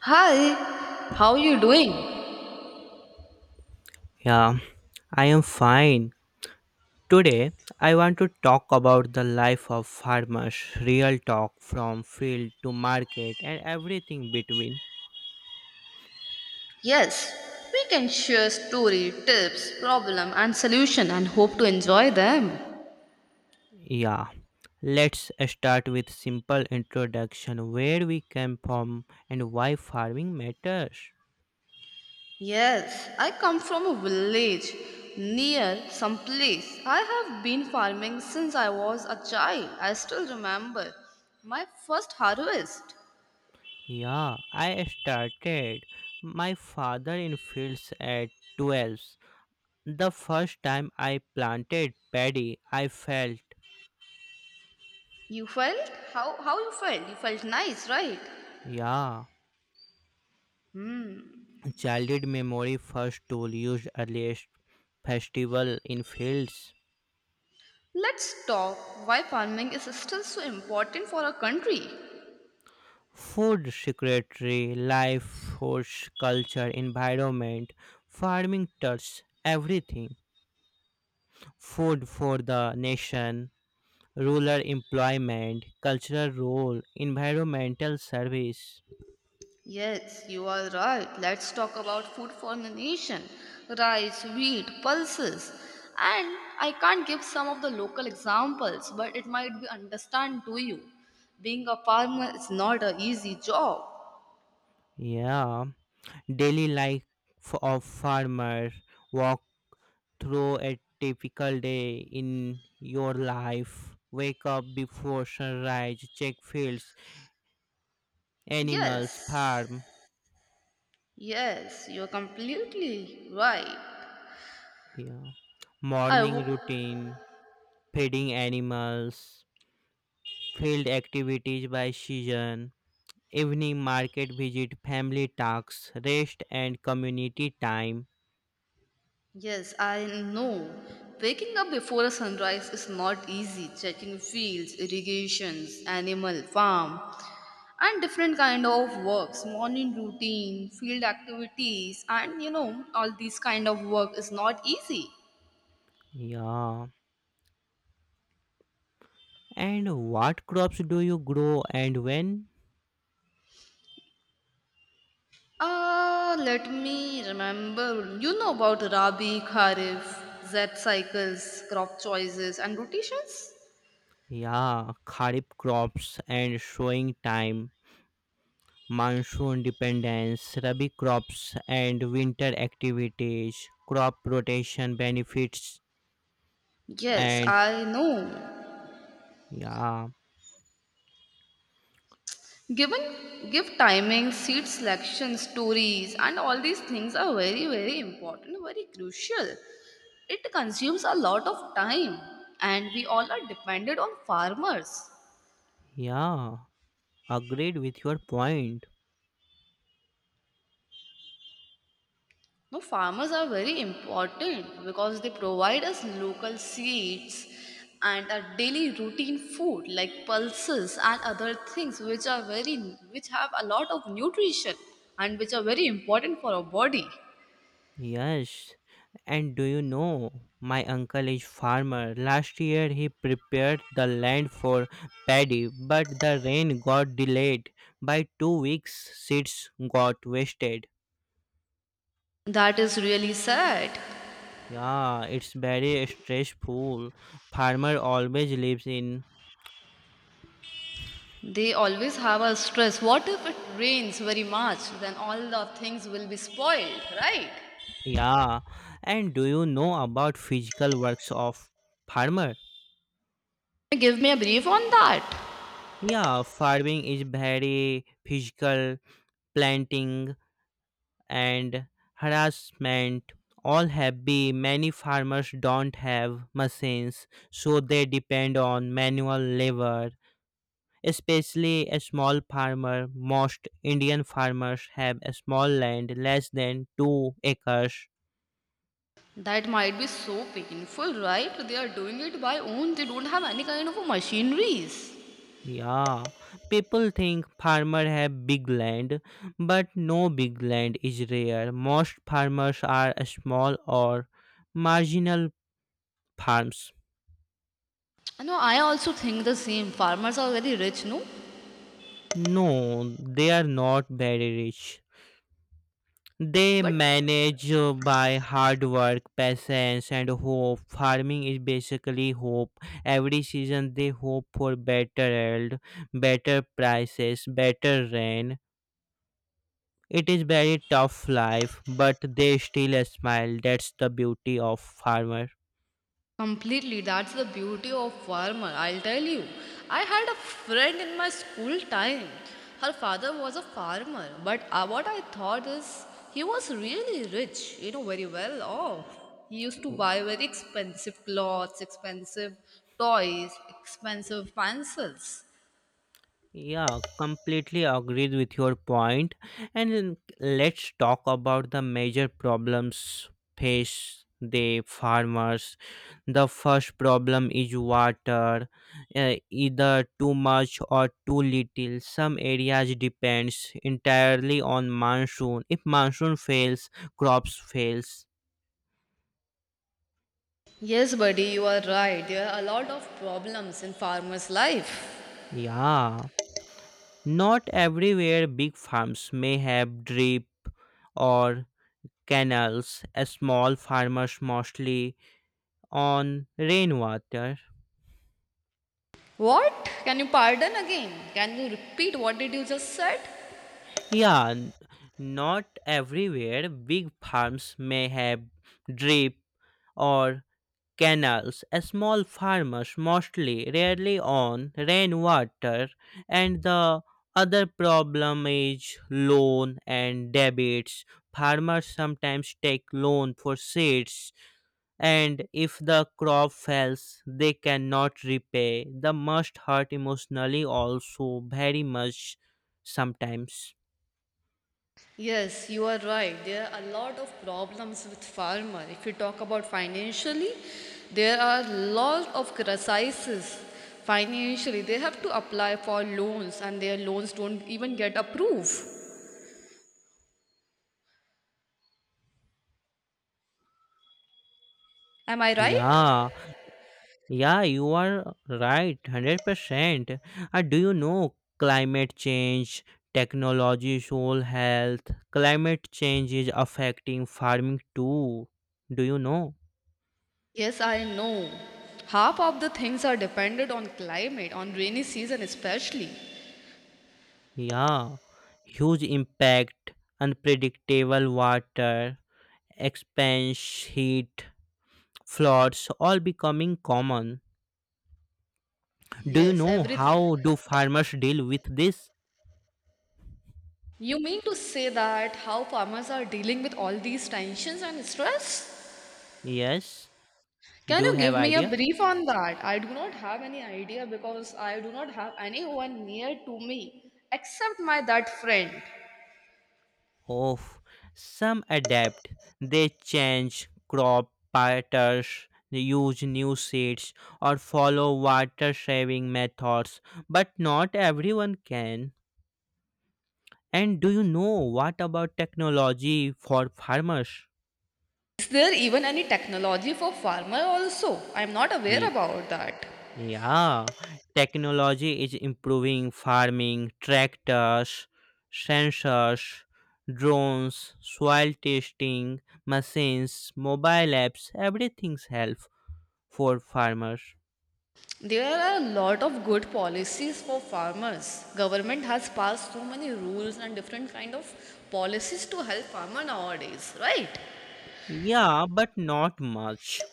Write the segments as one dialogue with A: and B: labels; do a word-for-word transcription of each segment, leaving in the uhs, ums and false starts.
A: Hi, how you doing?
B: Yeah, I am fine. Today, I want to talk about the life of farmers, real talk from field to market and everything between.
A: Yes, we can share story, tips, problem and solution and hope to enjoy them.
B: Yeah, let's start with simple introduction where we came from and why farming matters.
A: Yes, I come from a village near some place. I have been farming since I was a child. I still remember my first harvest.
B: Yeah, I started my father in fields at twelve. The first time I planted paddy, I felt
A: You felt how how you felt? You felt nice, right?
B: yeah.
A: Hmm.
B: Childhood memory first tool used earliest festival in fields.
A: Let's talk why farming is still so important for our country.
B: Food secretary, life force, culture, environment, farming touch everything. Food for the nation, rural employment, cultural role, environmental service.
A: Yes, you are right. Let's talk about food for the nation rice, wheat, pulses. And I can't give some of the local examples, but it might be understand to you. Being a farmer is not an easy job.
B: Yeah, daily life of farmer, walk through a typical day in your life? Wake up before sunrise, check fields, animals,
A: Yes,
B: farm,
A: yes, you're completely right.
B: yeah.
A: I w-
B: Morning routine, feeding animals, field activities by season, evening market visit, family tasks, rest and community time.
A: yes, I know. Waking up before a sunrise is not easy. Checking fields, irrigations, animal farm, and different kind of works morning routine field activities and you know all these kind of work is not easy.
B: Yeah. And what crops do you grow and when?
A: Ah, let me remember you know about rabi kharif z cycles crop choices and rotations.
B: Yeah, kharif crops and sowing time, monsoon dependence, Rabi crops, and winter activities, crop rotation benefits,
A: Yes,
B: and
A: I know.
B: yeah,
A: Given give timing, seat selection, stories, and all these things are very, very important, very crucial. It consumes a lot of time, and we all are dependent on farmers.
B: yeah, agreed with your point.
A: No, farmers are very important because they provide us local seeds and a daily routine food like pulses and other things which are very which have a lot of nutrition and which are very important for our body.
B: Yes, and do you know my uncle is farmer. Last year he prepared the land for paddy, but the rain got delayed by two weeks. Seeds got wasted.
A: That is really sad.
B: Yeah, it's very stressful. Farmer always lives in.
A: They always have a stress. What if it rains very much? Then all the things will be spoiled, right?
B: Yeah, and do you know about physical works of farmer?
A: Give me a brief on that.
B: Yeah, farming is very physical, planting and harassment all have be, many farmers don't have machines, so they depend on manual labor, especially a small farmer. Most Indian farmers have a small land, less than two acres.
A: That might be so painful, right? They are doing it by own. They don't have any kind of machineries.
B: Yeah, people think farmer have big land, but no, big land is rare. Most farmers are small or marginal farms.
A: No, I also think the same. Farmers are very rich, no?
B: No, they are not very rich. They
A: But
B: manage uh, by hard work, patience, and hope. Farming is basically hope. Every season they hope for better yield, better prices, better rain. It is very tough life, but they still smile. That's the beauty of farmer.
A: completely. That's the beauty of farmer. I'll tell you. I had a friend in my school time. Her father was a farmer, but uh, what I thought is he was really rich, you know, very well off. He used to
B: Oh,
A: buy very expensive clothes, expensive toys, expensive pencils.
B: yeah, completely agreed with your point. And then let's talk about the major problems face the farmers. The first problem is water, uh, either too much or too little. Some areas depends entirely on monsoon. If monsoon fails, crops fails.
A: Yes, buddy, you are right. There are a lot of problems in farmer's life.
B: Yeah. Not everywhere big farms may have drip or canals. A small farmers mostly on rainwater.
A: What? Can you pardon again? Can you repeat what did you just said?
B: Yeah, n- not everywhere big farms may have drip or canals. A small farmers mostly rarely on rainwater, and the other problem is loan and debits. Farmers sometimes take loan for seeds, and if the crop fails they cannot repay, the must hurt emotionally also very much sometimes.
A: Yes, you are right. There are a lot of problems with farmer. If you talk about financially, there are lot of crises financially. They have to apply for loans and their loans don't even get approved. Am I right?
B: Yeah, yeah, you are right, one hundred percent. Uh, do you know climate change, technology, soil health? Climate change is affecting farming too, do you know?
A: Yes, I know. Half of the things are dependent on climate, on rainy season especially.
B: Yeah, huge impact, unpredictable water, expanse heat, floods, all becoming common. Do you
A: Yes,
B: know
A: everything.
B: how do farmers deal with this?
A: You mean to say that how farmers are dealing with all these tensions and stress?
B: Yes,
A: Can
B: do you
A: you
B: have
A: give me a
B: idea?
A: brief on that? I do not have any idea because I do not have anyone near to me except my that friend.
B: Oh, some adapt. They change crop patterns, use new seeds, or follow water saving methods. But not everyone can. And do you know what about technology for farmers?
A: Is there even any technology for farmer also? I'm not aware about that.
B: Yeah, technology is improving farming, tractors, sensors, drones, soil testing, machines, mobile apps, everything's help for farmers.
A: There are a lot of good policies for farmers. Government has passed so many rules and different kind of policies to help farmer nowadays, right?
B: Yeah, but not much.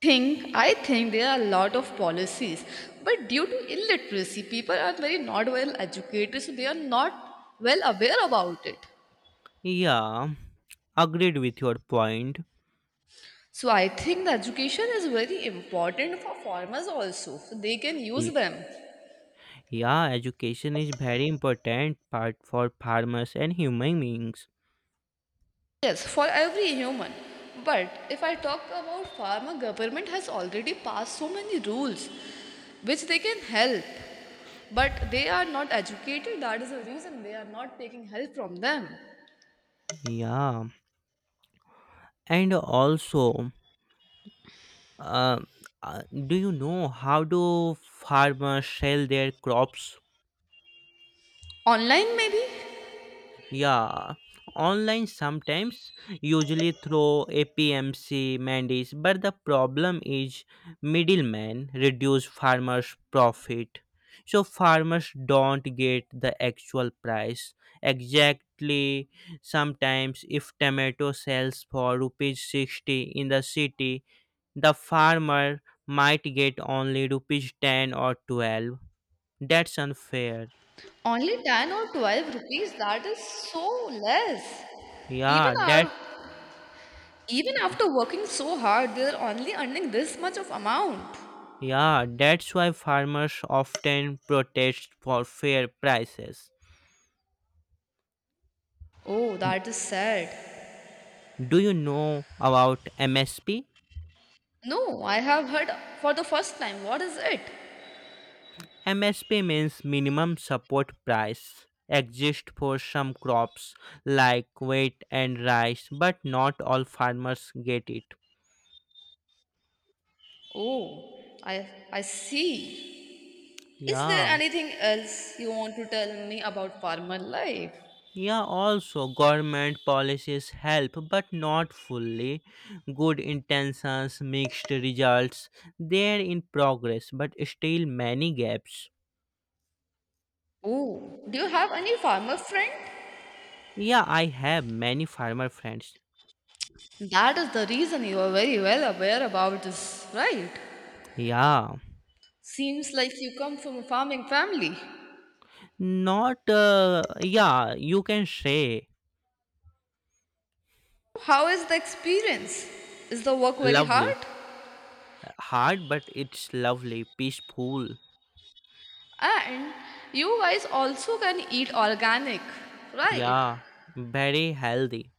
A: think I think there are a lot of policies, but due to illiteracy, people are very not well educated, so they are not well aware about it.
B: Yeah, agreed with your point.
A: So I think the education is very important for farmers also, so they can use
B: Ye-
A: them.
B: Yeah, education is very important part for farmers and human beings.
A: Yes, for every human. But if I talk about farmer, government has already passed so many rules which they can help. But they are not educated, that is the reason they are not taking help from them.
B: Yeah, and also, Um, uh, do you know how do farmers sell their crops?
A: Online, maybe?
B: Yeah, online sometimes, usually through A P M C mandis, but the problem is middlemen reduce farmers' profit. So farmers don't get the actual price exactly. Sometimes if tomato sells for rupees sixty in the city, the farmer might get only rupees ten or twelve. That's unfair.
A: Only ten or twelve rupees, that is so less. Even
B: Yeah, that
A: our Even after working so hard, they are only earning this much of amount.
B: Yeah, that's why farmers often protest for fair prices.
A: Oh, that is sad.
B: Do you know about M S P?
A: No, I have heard for the first time. What is it?
B: M S P means minimum support price. Exists for some crops like wheat and rice, but not all farmers get it.
A: Oh, I I see. Is there
B: Yeah.
A: anything else you want to tell me about farmer life?
B: Yeah, also government policies help, but not fully. Good intentions, mixed results. They're in progress, but still many gaps.
A: Oh, do you have any farmer friend?
B: Yeah, I have many farmer friends.
A: That is the reason you are very well aware about this, right?
B: Yeah,
A: Seems like you come from a farming family.
B: not. Uh, yeah, you can say
A: How is the experience? Is the work very hard?
B: lovely, hard, but it's lovely, peaceful.
A: And you guys also can eat organic, right?
B: Yeah, very healthy.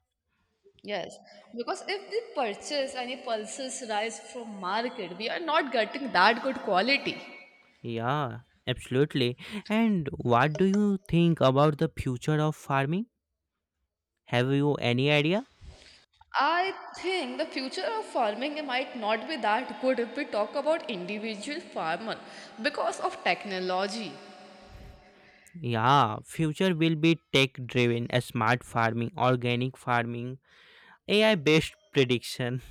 A: Yes, because if we purchase any pulses rice from market, we are not getting that good quality.
B: Yeah, absolutely. And what do you think about the future of farming? Have you any idea?
A: I think the future of farming might not be that good if we talk about individual farmer because of technology.
B: Yeah, future will be tech driven, smart farming, organic farming, A I based prediction.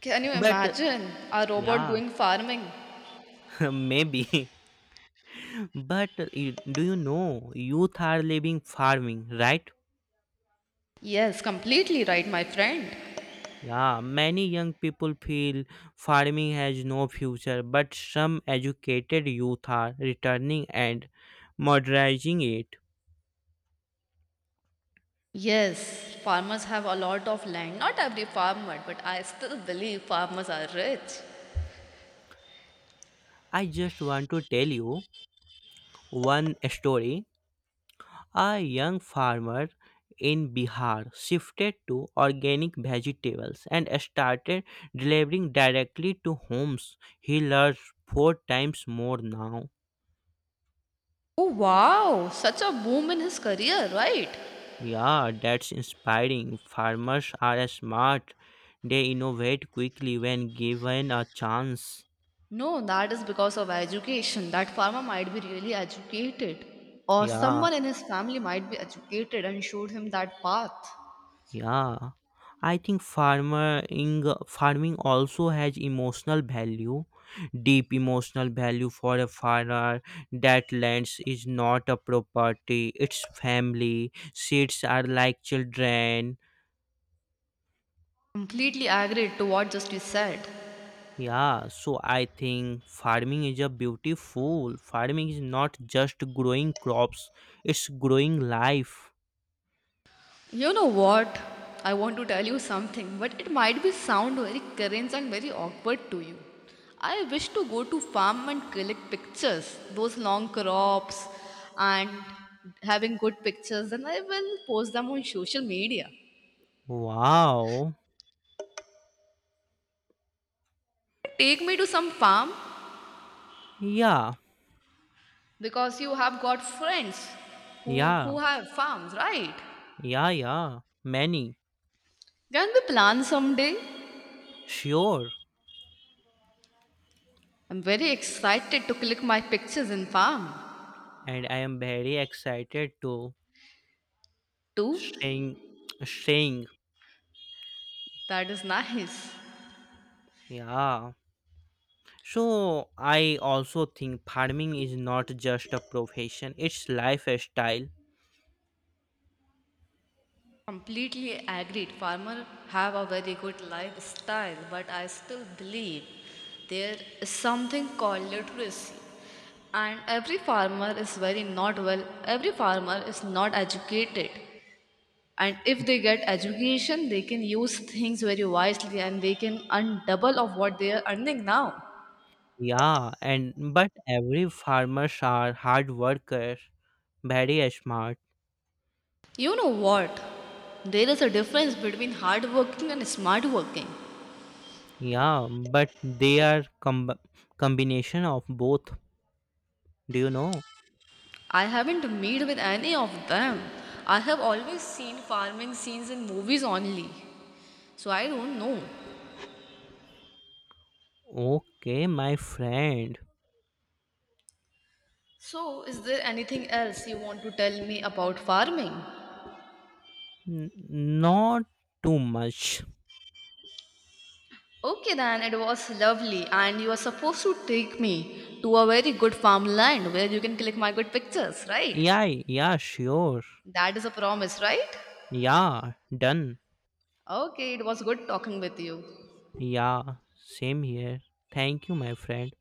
A: Can you
B: But uh,
A: imagine a robot
B: yeah,
A: doing farming?
B: maybe. But uh, you- do you know youth are leaving farming, right?
A: Yes, completely right, my friend.
B: Yeah, many young people feel farming has no future, but some educated youth are returning and modernizing it.
A: Yes, farmers have a lot of land. Not every farmer, but I still believe farmers are rich.
B: I just want to tell you one story. A young farmer in Bihar shifted to organic vegetables and started delivering directly to homes. He learns four times more now.
A: Oh wow, such a boom in his career, right?
B: Yeah, that's inspiring. Farmers are smart. They innovate quickly when given a chance.
A: No, that is because of education. That farmer might be really educated. Or
B: Yeah.
A: someone in his family might be educated and showed him that path.
B: Yeah, I think farming farming also has emotional value, deep emotional value for a farmer. That lands is not a property; it's family. Seeds are like children.
A: Completely agreed to what just you said.
B: Yeah, so I think farming is a beautiful. Farming is not just growing crops; it's growing life.
A: You know what? I want to tell you something, but it might be sound very cringe and very awkward to you. I wish to go to farm and collect pictures, those long crops and having good pictures, and I will post them on social media.
B: Wow.
A: Take me to some farm
B: Yeah,
A: because you have got friends who
B: yeah,
A: who have farms, right?
B: yeah, yeah. Many.
A: Can we plan someday?
B: Sure.
A: I'm very excited to collect my pictures in farm.
B: And I am very excited to
A: Too?
B: staying staying
A: That is nice.
B: Yeah, so I also think farming is not just a profession, it's lifestyle.
A: Completely agreed. Farmer have a very good lifestyle, but I still believe there is something called literacy. And every farmer is very not well. Every farmer is not educated. And if they get education, they can use things very wisely and they can earn double of what they are earning now.
B: Yeah, and but every farmers are hard workers, very smart.
A: You know what? There is a difference between hard working and smart working.
B: Yeah, but they are com- combination of both, do you know?
A: I haven't made with any of them. I have always seen farming scenes in movies only. So I don't know.
B: Okay, my friend.
A: So, is there anything else you want to tell me about farming?
B: N- not too much.
A: Okay, then it was lovely, and you are supposed to take me to a very good farmland where you can click my good pictures, right?
B: Yeah, yeah, sure.
A: That is a promise, right?
B: Yeah, done.
A: Okay, it was good talking with you.
B: Yeah, same here. Thank you, my friend.